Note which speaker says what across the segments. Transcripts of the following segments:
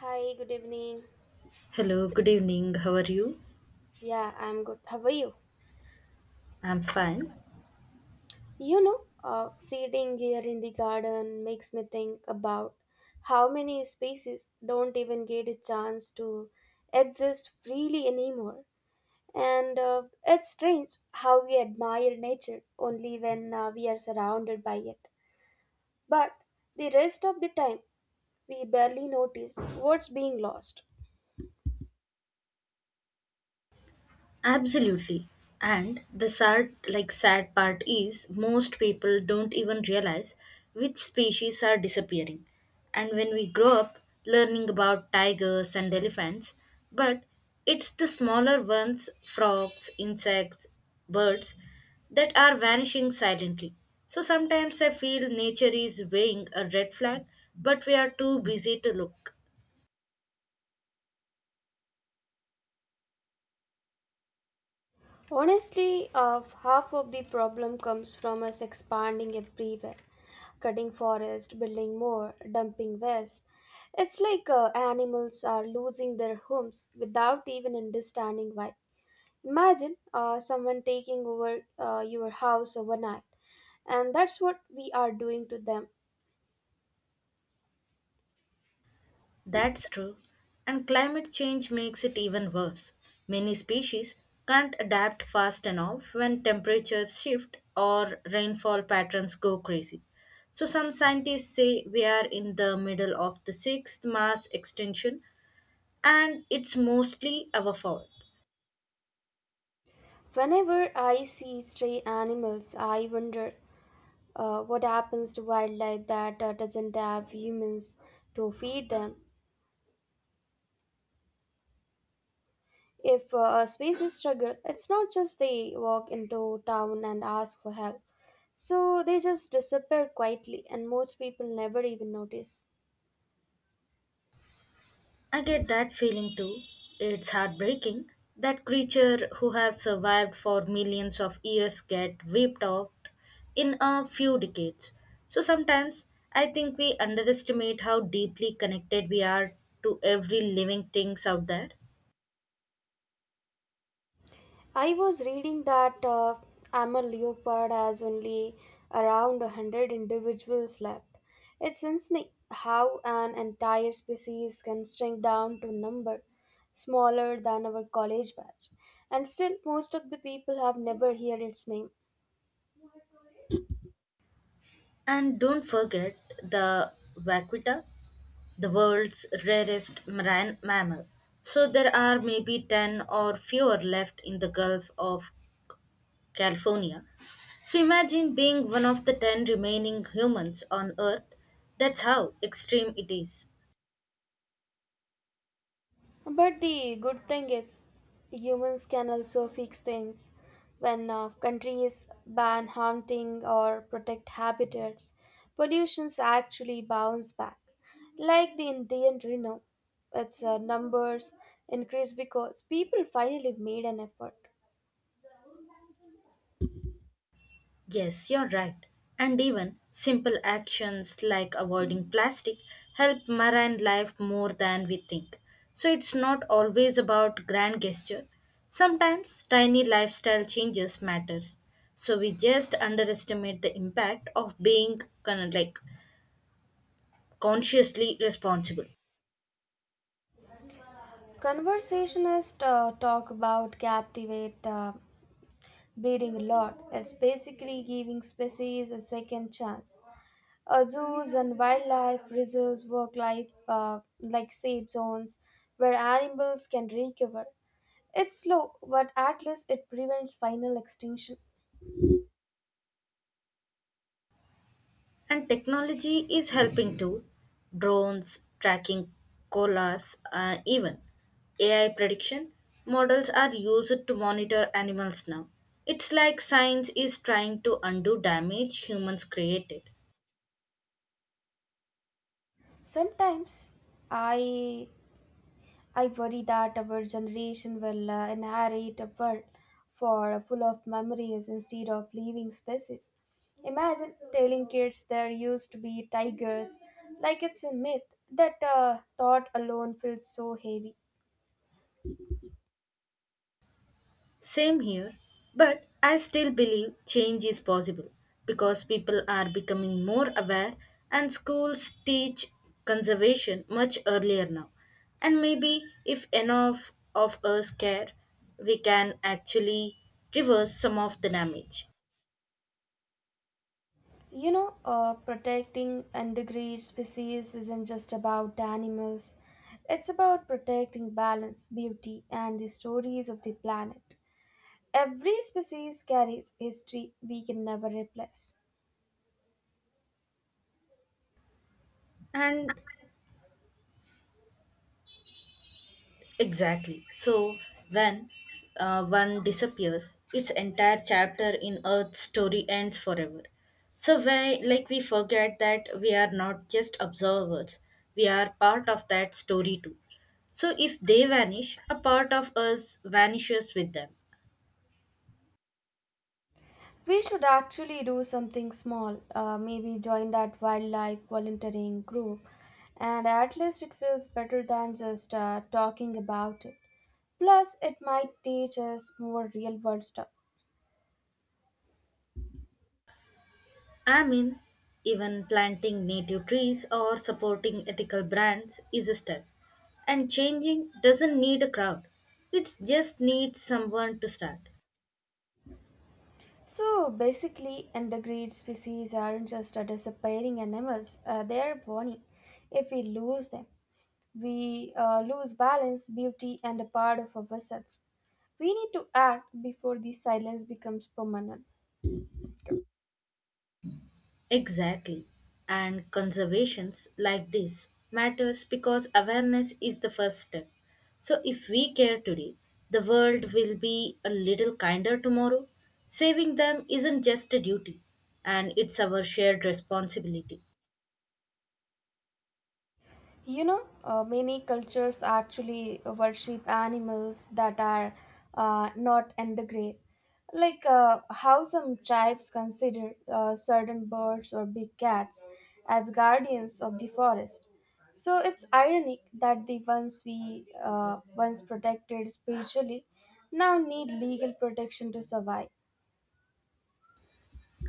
Speaker 1: Hi, good evening.
Speaker 2: Hello, good evening. How are you?
Speaker 1: Yeah, I'm good. How are you?
Speaker 2: I'm fine.
Speaker 1: Sitting here in the garden makes me think about how many species don't even get a chance to exist freely anymore. And it's strange how we admire nature only when we are surrounded by it. But the rest of the time, we barely notice what's being lost.
Speaker 2: Absolutely. And the sad part is most people don't even realize which species are disappearing. And when we grow up learning about tigers and elephants, but it's the smaller ones, frogs, insects, birds that are vanishing silently. So sometimes I feel nature is waving a red flag, but we are too busy to look.
Speaker 1: Honestly, of half of the problem comes from us expanding everywhere, cutting forest, building more, dumping waste. It's like animals are losing their homes without even understanding why. Imagine someone taking over your house overnight, and that's what we are doing to them.
Speaker 2: That's true. And climate change makes it even worse. Many species can't adapt fast enough when temperatures shift or rainfall patterns go crazy. So, some scientists say we are in the middle of the sixth mass extinction and it's mostly our fault.
Speaker 1: Whenever I see stray animals, I wonder what happens to wildlife that doesn't have humans to feed them. If a species struggle, it's not just they walk into town and ask for help. So they just disappear quietly, and most people never even notice.
Speaker 2: I get that feeling too. It's heartbreaking that creature who have survived for millions of years get wiped out in a few decades. So sometimes I think we underestimate how deeply connected we are to every living things out there.
Speaker 1: I was reading that Amur leopard has only around 100 individuals left. It's insane how an entire species can shrink down to a number smaller than our college batch. And still, most of the people have never heard its name.
Speaker 2: And don't forget the vaquita, the world's rarest marine mammal. So there are maybe 10 or fewer left in the Gulf of California. So imagine being one of the 10 remaining humans on Earth. That's how extreme it is.
Speaker 1: But the good thing is, humans can also fix things. When countries ban hunting or protect habitats, pollutions actually bounce back. Like the Indian Rhino, its numbers increase because people finally made an effort.
Speaker 2: Yes, you're right. And even simple actions like avoiding plastic help marine life more than we think. So it's not always about grand gesture. Sometimes tiny lifestyle changes matters. So we just underestimate the impact of being kind of like consciously responsible.
Speaker 1: Conversationists talk about captivate breeding a lot. It's basically giving species a second chance. Zoos and wildlife reserves work like safe zones where animals can recover. It's slow, but at least it prevents final extinction.
Speaker 2: And technology is helping too. Drones, tracking koalas, even AI prediction models are used to monitor animals now. It's like science is trying to undo damage humans created.
Speaker 1: Sometimes I I worry that our generation will inherit a world for full of memories instead of living species. Imagine telling kids there used to be tigers, like it's a myth. That thought alone feels so heavy.
Speaker 2: Same here, but I still believe change is possible because people are becoming more aware and schools teach conservation much earlier now. And maybe if enough of us care, we can actually reverse some of the damage.
Speaker 1: Protecting endangered species isn't just about the animals. It's about protecting balance, beauty, and the stories of the planet. Every species carries history we can never replace.
Speaker 2: And exactly. So when one disappears, its entire chapter in Earth's story ends forever. So why, like we forget that we are not just observers; we are part of that story too. So if they vanish, a part of us vanishes with them.
Speaker 1: We should actually do something small, maybe join that wildlife volunteering group, and at least it feels better than just talking about it. Plus, it might teach us more real world stuff.
Speaker 2: I mean, even planting native trees or supporting ethical brands is a step. And changing doesn't need a crowd; it just needs someone to start.
Speaker 1: So basically, endangered species aren't just a disappearing animals, they are warning. If we lose them, we lose balance, beauty, and a part of ourselves. We need to act before the silence becomes permanent.
Speaker 2: Exactly. And conservations like this matters because awareness is the first step. So if we care today, the world will be a little kinder tomorrow. Saving them isn't just a duty and it's our shared responsibility.
Speaker 1: Many cultures actually worship animals that are not endangered, like how some tribes consider certain birds or big cats as guardians of the forest. So it's ironic that the ones we once protected spiritually now need legal protection to survive.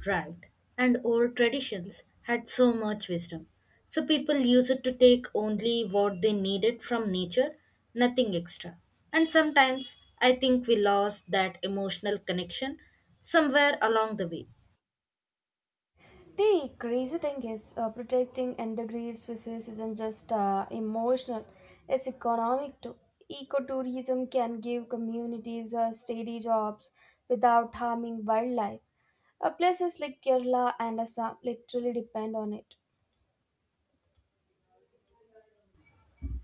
Speaker 2: Right. And old traditions had so much wisdom. So people used to take only what they needed from nature, nothing extra. And sometimes I think we lost that emotional connection somewhere along the way.
Speaker 1: The crazy thing is, protecting endangered species isn't just emotional, it's economic too. Ecotourism can give communities steady jobs without harming wildlife. Places like Kerala and Assam literally depend on it.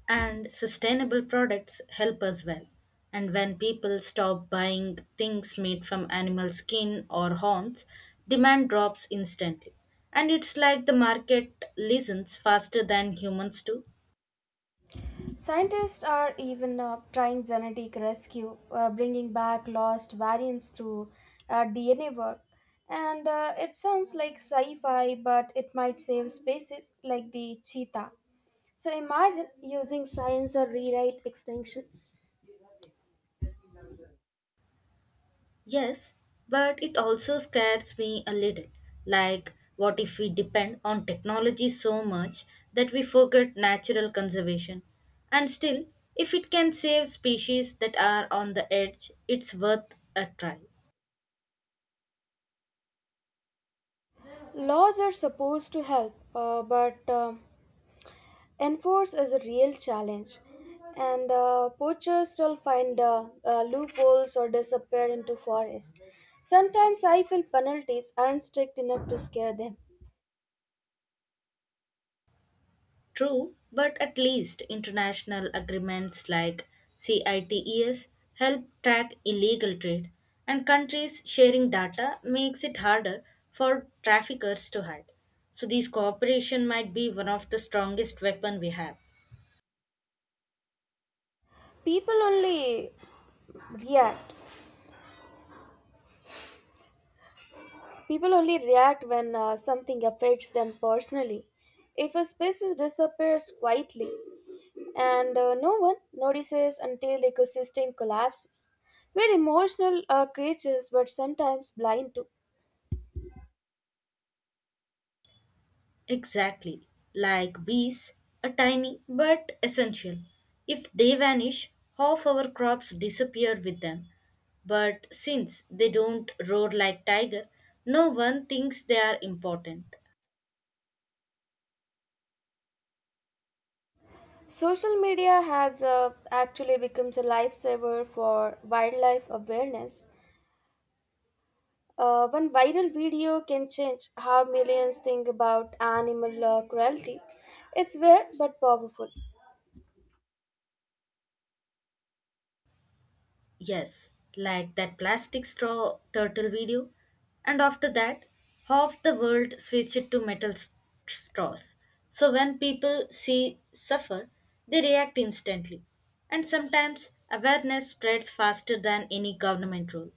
Speaker 2: And sustainable products help us well. And when people stop buying things made from animal skin or horns, demand drops instantly. And it's like the market listens faster than humans do.
Speaker 1: Scientists are even trying genetic rescue, bringing back lost variants through DNA work. And it sounds like sci fi, but it might save species like the cheetah. So imagine using science or rewrite extinction.
Speaker 2: Yes, but it also scares me a little. Like, what if we depend on technology so much that we forget natural conservation? And still, if it can save species that are on the edge, it's worth a try.
Speaker 1: Laws are supposed to help, but enforce is a real challenge. And poachers still find loopholes or disappear into forests. Sometimes I feel penalties aren't strict enough to scare them.
Speaker 2: True, but at least international agreements like CITES help track illegal trade, and countries sharing data makes it harder for traffickers to hide. So, these cooperation might be one of the strongest weapon we have.
Speaker 1: People only react. People only react when something affects them personally. If a species disappears quietly, and no one notices until the ecosystem collapses. We're emotional creatures, but sometimes blind too.
Speaker 2: Exactly. Like bees, are tiny but essential. If they vanish, half our crops disappear with them. But since they don't roar like tiger, no one thinks they are important.
Speaker 1: Social media has actually become a lifesaver for wildlife awareness. One viral video can change how millions think about animal cruelty. It's weird but powerful.
Speaker 2: Yes, like that plastic straw turtle video. And after that, half the world switched to metal straws. So when people see suffer, they react instantly. And sometimes awareness spreads faster than any government rule.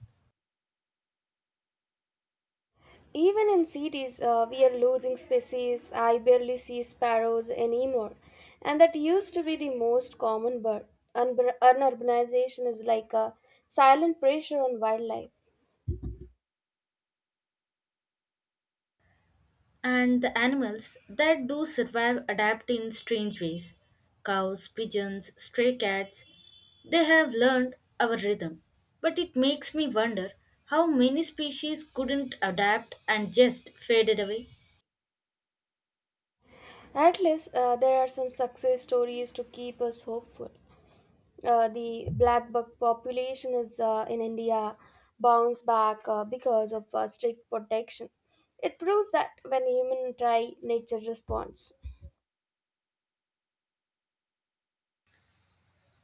Speaker 1: Even in cities, we are losing species. I barely see sparrows anymore, and that used to be the most common bird. Unurbanization is like a silent pressure on wildlife.
Speaker 2: And the animals that do survive adapt in strange ways. Cows, pigeons, stray cats, they have learned our rhythm, but it makes me wonder how many species couldn't adapt and just faded away.
Speaker 1: At least there are some success stories to keep us hopeful. The black buck population is in India bounce back because of strict protection. It proves that when humans try, nature responds.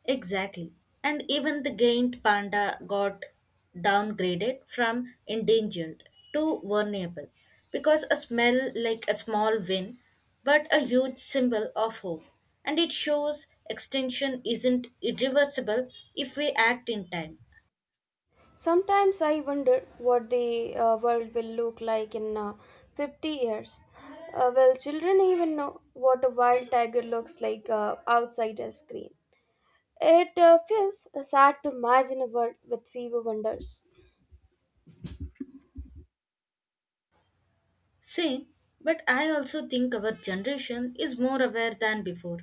Speaker 2: Exactly. And even the giant panda got downgraded from endangered to vulnerable because a smell like a small win, but a huge symbol of hope. And it shows extinction isn't irreversible if we act in time.
Speaker 1: Sometimes I wonder what the world will look like in 50 years. Will children even know what a wild tiger looks like outside a screen? It feels sad to imagine a world with fewer wonders.
Speaker 2: Same, but I also think our generation is more aware than before.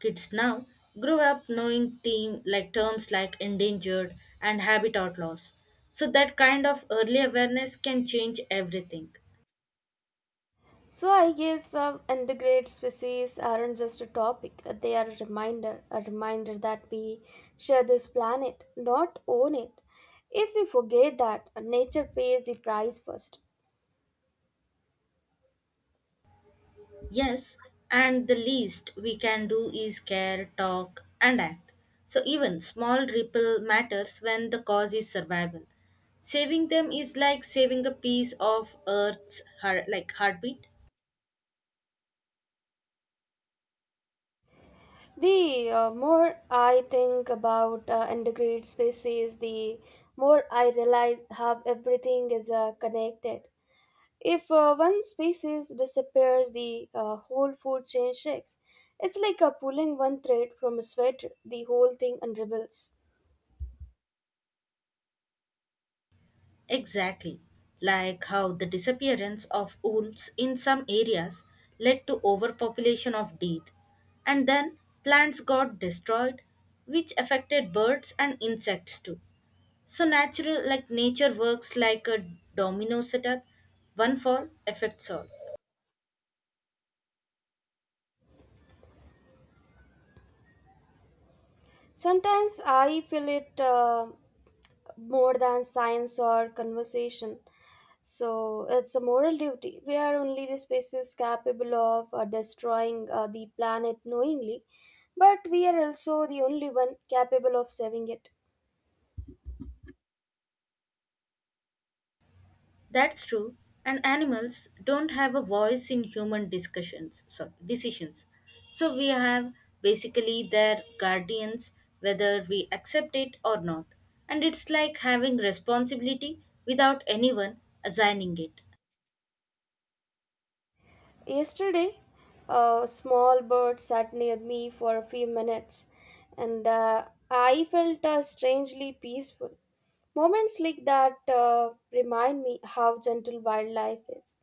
Speaker 2: Kids now grow up knowing team like terms like endangered and habitat loss. So that kind of early awareness can change everything.
Speaker 1: So I guess endangered species aren't just a topic; they are a reminder that we share this planet, not own it. If we forget that, nature pays the price first.
Speaker 2: Yes, and the least we can do is care, talk and act. So even small ripple matters when the cause is survival. Saving them is like saving a piece of earth's heartbeat.
Speaker 1: The more I think about integrated species, the more I realize how everything is connected. If one species disappears, the whole food chain shakes. It's like pulling one thread from a sweater, the whole thing unravels.
Speaker 2: Exactly, like how the disappearance of wolves in some areas led to overpopulation of deer, and then plants got destroyed, which affected birds and insects too. So natural like nature works like a domino setup, one fall affects all.
Speaker 1: Sometimes I feel it more than science or conversation. So it's a moral duty. We are only the species capable of destroying the planet knowingly, but we are also the only one capable of saving it.
Speaker 2: That's true. And animals don't have a voice in human decisions. So we have basically their guardians, whether we accept it or not. And it's like having responsibility without anyone assigning it.
Speaker 1: Yesterday, a small bird sat near me for a few minutes, and I felt strangely peaceful. Moments like that remind me how gentle wildlife is,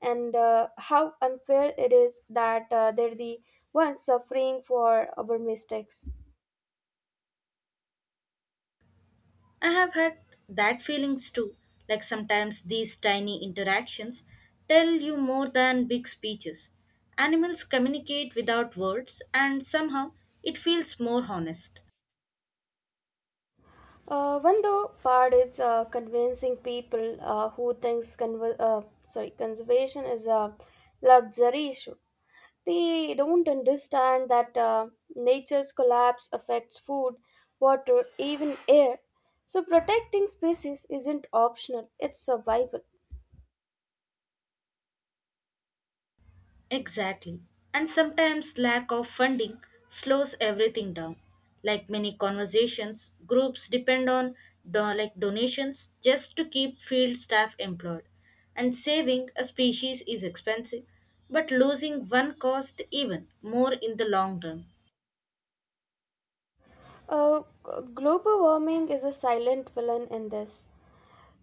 Speaker 1: and how unfair it is that they're the ones suffering for our mistakes.
Speaker 2: I have had that feelings too. Like sometimes these tiny interactions tell you more than big speeches. Animals communicate without words, and somehow it feels more honest.
Speaker 1: One though part is convincing people who thinks conver- sorry conservation is a luxury issue. They don't understand that nature's collapse affects food, water, even air. So protecting species isn't optional, it's survival.
Speaker 2: Exactly. And sometimes lack of funding slows everything down. Like many conversations, groups depend on donations just to keep field staff employed. And saving a species is expensive, but losing one cost even more in the long run.
Speaker 1: Uh, g- Global warming is a silent villain in this.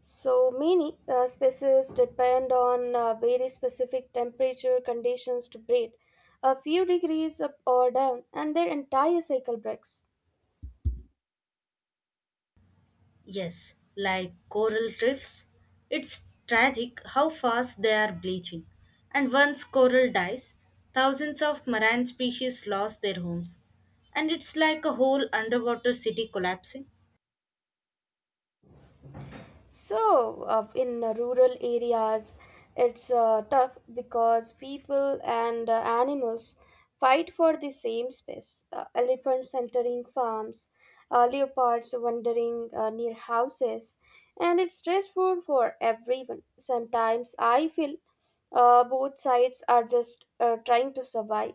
Speaker 1: So many species depend on very specific temperature conditions to breed. A few degrees up or down, and their entire cycle breaks.
Speaker 2: Yes, like coral reefs, it's tragic how fast they are bleaching. And once coral dies, thousands of marine species lost their homes. And it's like a whole underwater city collapsing.
Speaker 1: So, in rural areas, it's tough because people and animals fight for the same space. Elephants entering farms, leopards wandering near houses, and it's stressful for everyone. Sometimes I feel both sides are just trying to survive.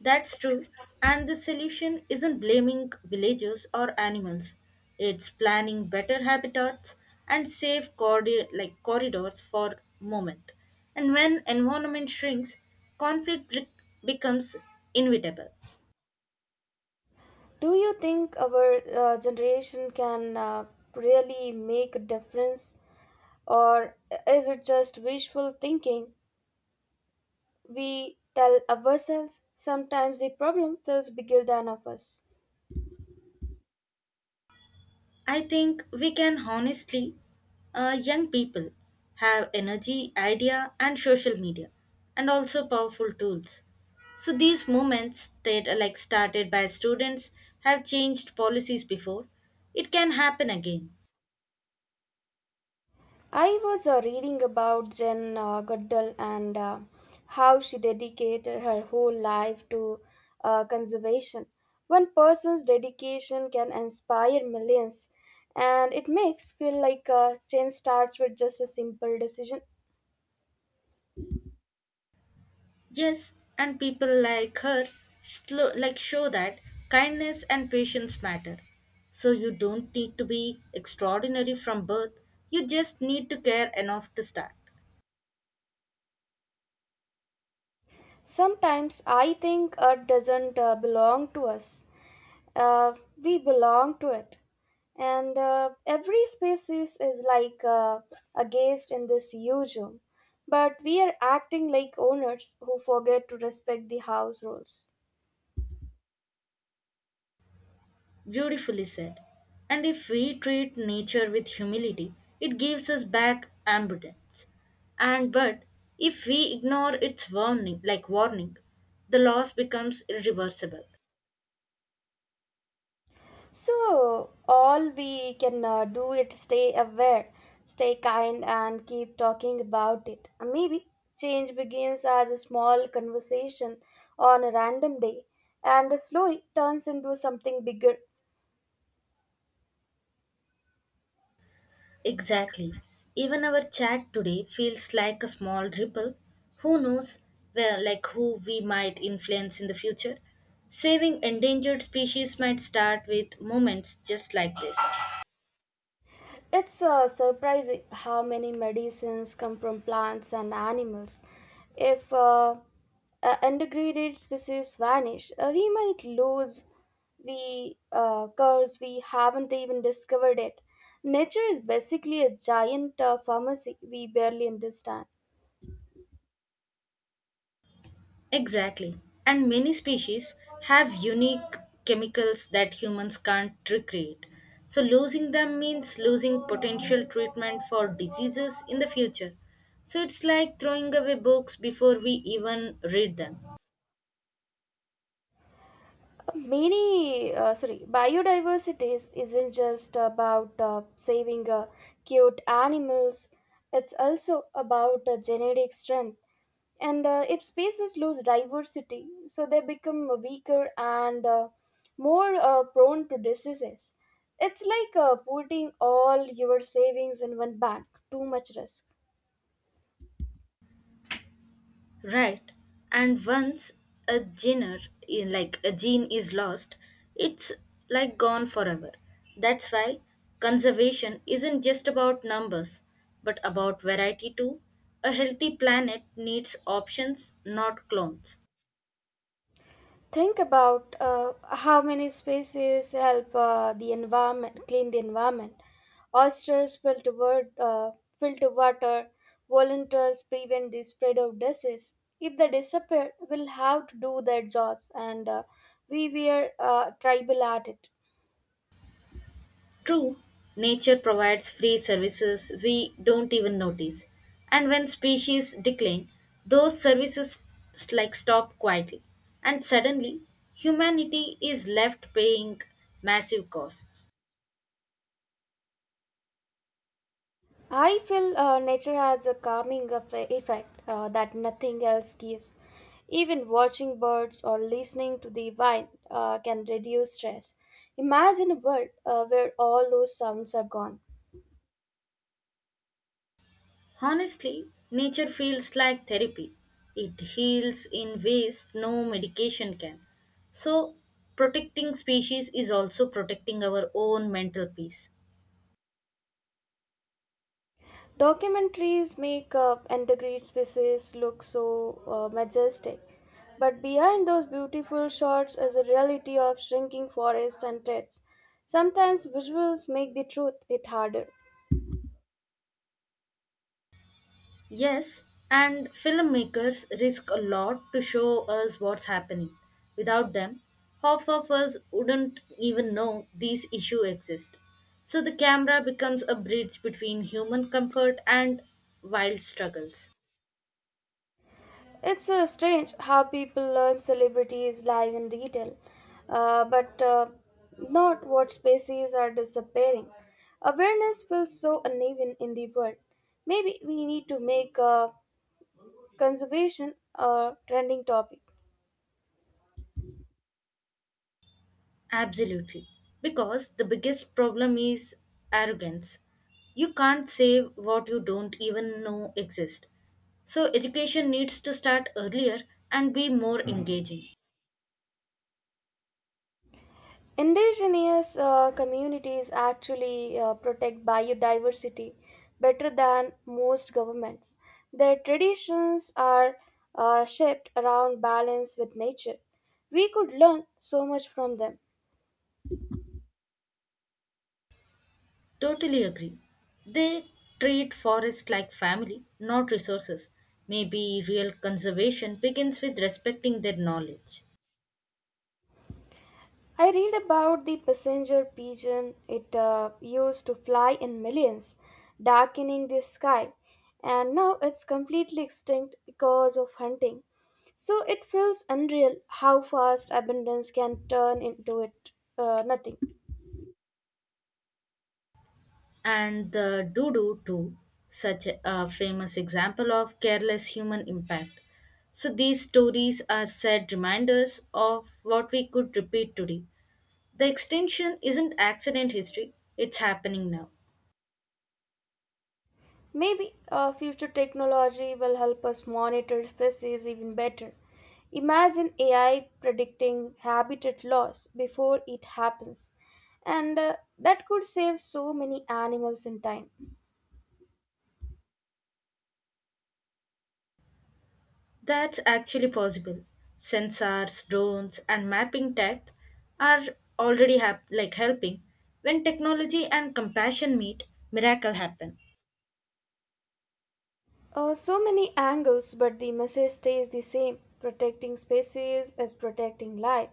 Speaker 2: That's true. And the solution isn't blaming villagers or animals. It's planning better habitats and safe corridors for moment. And when environment shrinks, conflict becomes inevitable.
Speaker 1: Do you think our generation can really make a difference? Or is it just wishful thinking we tell ourselves? Sometimes the problem feels bigger than of us.
Speaker 2: I think we can honestly, young people have energy, idea, and social media, and also powerful tools. So these movements, stayed, like started by students, have changed policies before. It can happen again.
Speaker 1: I was reading about Jen Goodall and how she dedicated her whole life to conservation. One person's dedication can inspire millions, and it makes feel like a change starts with just a simple decision.
Speaker 2: Yes, and people like her, slow, like show that kindness and patience matter. So you don't need to be extraordinary from birth. You just need to care enough to start.
Speaker 1: Sometimes I think art doesn't belong to us. uh, we belong to it, and every species is like a guest in this huge room, but we are acting like owners who forget to respect the house rules.
Speaker 2: Beautifully said. And if we treat nature with humility, it gives us back abundance. And but if we ignore its warning, the loss becomes irreversible.
Speaker 1: So all we can do is stay aware, stay kind, and keep talking about it. And maybe change begins as a small conversation on a random day and slowly turns into something bigger.
Speaker 2: Exactly. Even our chat today feels like a small ripple. Who knows where, like who we might influence in the future? Saving endangered species might start with moments just like this.
Speaker 1: It's surprising how many medicines come from plants and animals. If endangered species vanish, we might lose the curves we haven't even discovered it. Nature is basically a giant pharmacy we barely understand.
Speaker 2: Exactly. And many species have unique chemicals that humans can't recreate. So losing them means losing potential treatment for diseases in the future. So it's like throwing away books before we even read them.
Speaker 1: Many sorry Biodiversity isn't just about saving cute animals. It's also about genetic strength, and if species lose diversity, so they become weaker and more prone to diseases. It's like putting all your savings in one bank. Too much risk.
Speaker 2: Right. And once a gene, a gene is lost, it's like gone forever. That's why conservation isn't just about numbers, but about variety too. A healthy planet needs options, not clones.
Speaker 1: Think about how many species help the environment clean the environment. Oysters filter water. Volunteers prevent the spread of disease. If they disappear, we'll have to do their jobs, and we were tribal at it.
Speaker 2: True, nature provides free services we don't even notice. And when species decline, those services s- like stop quietly. And suddenly, humanity is left paying massive costs.
Speaker 1: I feel nature has a calming effect that nothing else gives. Even watching birds or listening to the wind can reduce stress. Imagine a world where all those sounds are gone.
Speaker 2: Honestly, nature feels like therapy. It heals in ways no medication can. So, protecting species is also protecting our own mental peace.
Speaker 1: Documentaries make endangered species look so majestic, but behind those beautiful shots is a reality of shrinking forests and threats. Sometimes visuals make the truth hit harder.
Speaker 2: Yes, and filmmakers risk a lot to show us what's happening. Without them, half of us wouldn't even know these issues exist. So the camera becomes a bridge between human comfort and wild struggles.
Speaker 1: It's strange how people learn celebrities live in detail, but not what species are disappearing. Awareness feels so uneven in the world. Maybe we need to make conservation a trending topic.
Speaker 2: Absolutely. Because the biggest problem is arrogance. You can't save what you don't even know exists. So education needs to start earlier and be more engaging.
Speaker 1: Indigenous communities actually protect biodiversity better than most governments. Their traditions are shaped around balance with nature. We could learn so much from them.
Speaker 2: Totally agree. They treat forests like family, not resources. Maybe real conservation begins with respecting their knowledge.
Speaker 1: I read about the passenger pigeon. It used to fly in millions, darkening the sky, and now it's completely extinct because of hunting. So it feels unreal how fast abundance can turn into it nothing.
Speaker 2: And the doo doo too, such a famous example of careless human impact. So these stories are sad reminders of what we could repeat today. The extinction isn't accident history, it's happening now.
Speaker 1: Maybe future technology will help us monitor species even better. Imagine AI predicting habitat loss before it happens. And that could save so many animals in time.
Speaker 2: That's actually possible. Sensors, drones, and mapping tech are already helping. When technology and compassion meet, miracle happen.
Speaker 1: So many angles, but the message stays the same: protecting species is protecting life.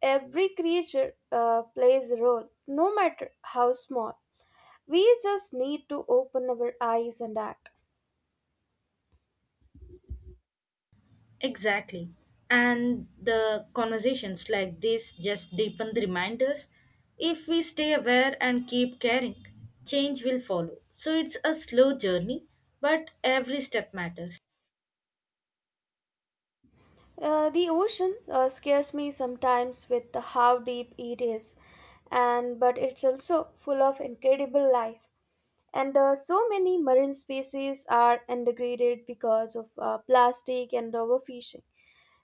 Speaker 1: Every creature plays a role, no matter how small. We just need to open our eyes and act.
Speaker 2: Exactly. And the conversations like this just deepen the reminders. If we stay aware and keep caring, change will follow. So it's a slow journey, but every step matters.
Speaker 1: The ocean scares me sometimes with the how deep it is, and but it's also full of incredible life. And so many marine species are degraded because of plastic and overfishing.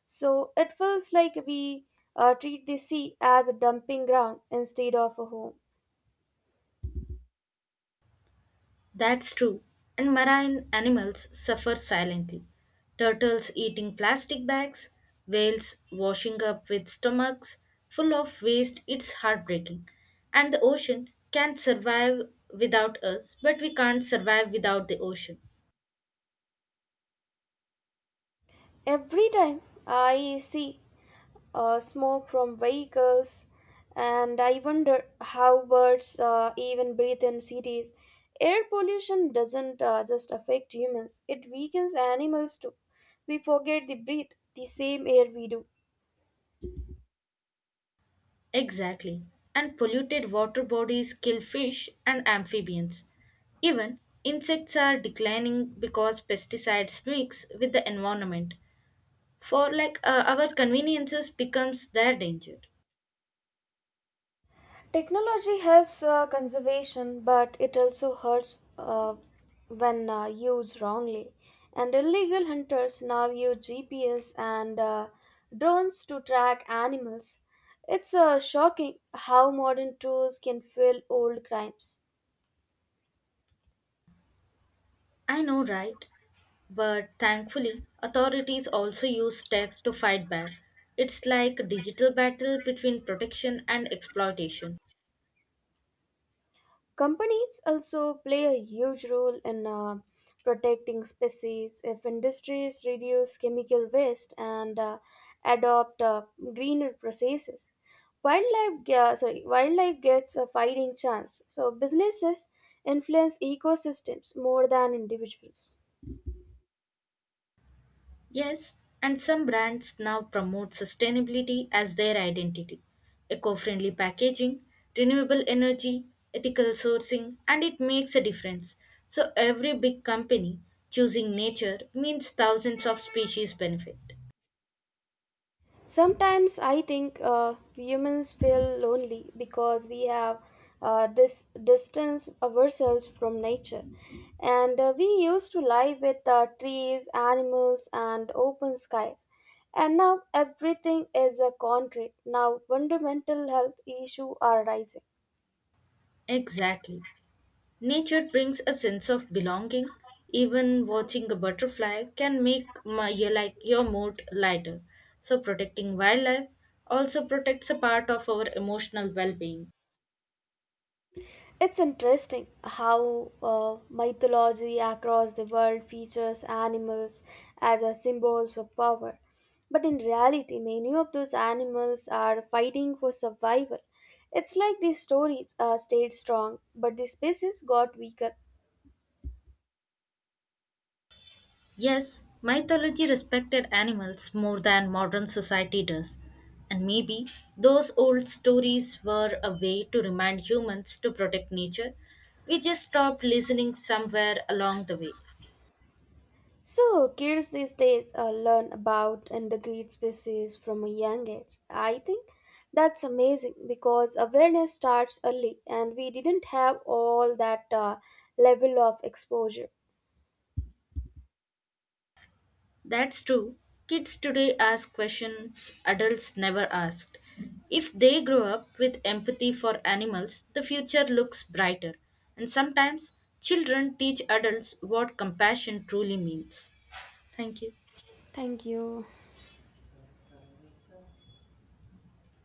Speaker 1: So it feels like we treat the sea as a dumping ground instead of a home.
Speaker 2: That's true. And marine animals suffer silently. Turtles eating plastic bags, whales washing up with stomachs full of waste, it's heartbreaking. And the ocean can survive without us, but we can't survive without the ocean.
Speaker 1: Every time I see smoke from vehicles, and I wonder how birds even breathe in cities. Air pollution doesn't just affect humans, it weakens animals too. We forget they breathe the same air we do.
Speaker 2: Exactly. And polluted water bodies kill fish and amphibians. Even insects are declining because pesticides mix with the environment. For like our conveniences becomes their danger.
Speaker 1: Technology helps conservation, but it also hurts when used wrongly. And illegal hunters now use GPS and drones to track animals. It's shocking how modern tools can fuel old crimes.
Speaker 2: I know, right? But thankfully, authorities also use tech to fight back. It's like a digital battle between protection and exploitation.
Speaker 1: Companies also play a huge role in protecting species. If industries reduce chemical waste and adopt greener processes, wildlife ge- sorry wildlife gets a fighting chance. So businesses influence ecosystems more than individuals.
Speaker 2: Yes, and some brands now promote sustainability as their identity. Eco-friendly packaging, renewable energy, ethical sourcing, and it makes a difference. So every big company choosing nature means thousands of species benefit.
Speaker 1: Sometimes I think humans feel lonely because we have distance ourselves from nature, and we used to live with trees, animals, and open skies. And now everything is a concrete. Now fundamental health issues are rising.
Speaker 2: Exactly. Nature brings a sense of belonging. Even watching a butterfly can make my, your, like your mood lighter. So protecting wildlife also protects a part of our emotional well-being.
Speaker 1: It's interesting how mythology across the world features animals as a symbols of power. But in reality, many of those animals are fighting for survival. It's like these stories stayed strong, but the species got weaker.
Speaker 2: Yes, mythology respected animals more than modern society does. And maybe those old stories were a way to remind humans to protect nature. We just stopped listening somewhere along the way.
Speaker 1: So, kids these days learn about endangered species from a young age. I think that's amazing because awareness starts early and we didn't have all that level of exposure.
Speaker 2: That's true. Kids today ask questions adults never asked. If they grow up with empathy for animals, the future looks brighter. And sometimes children teach adults what compassion truly means. Thank you.
Speaker 1: Thank you.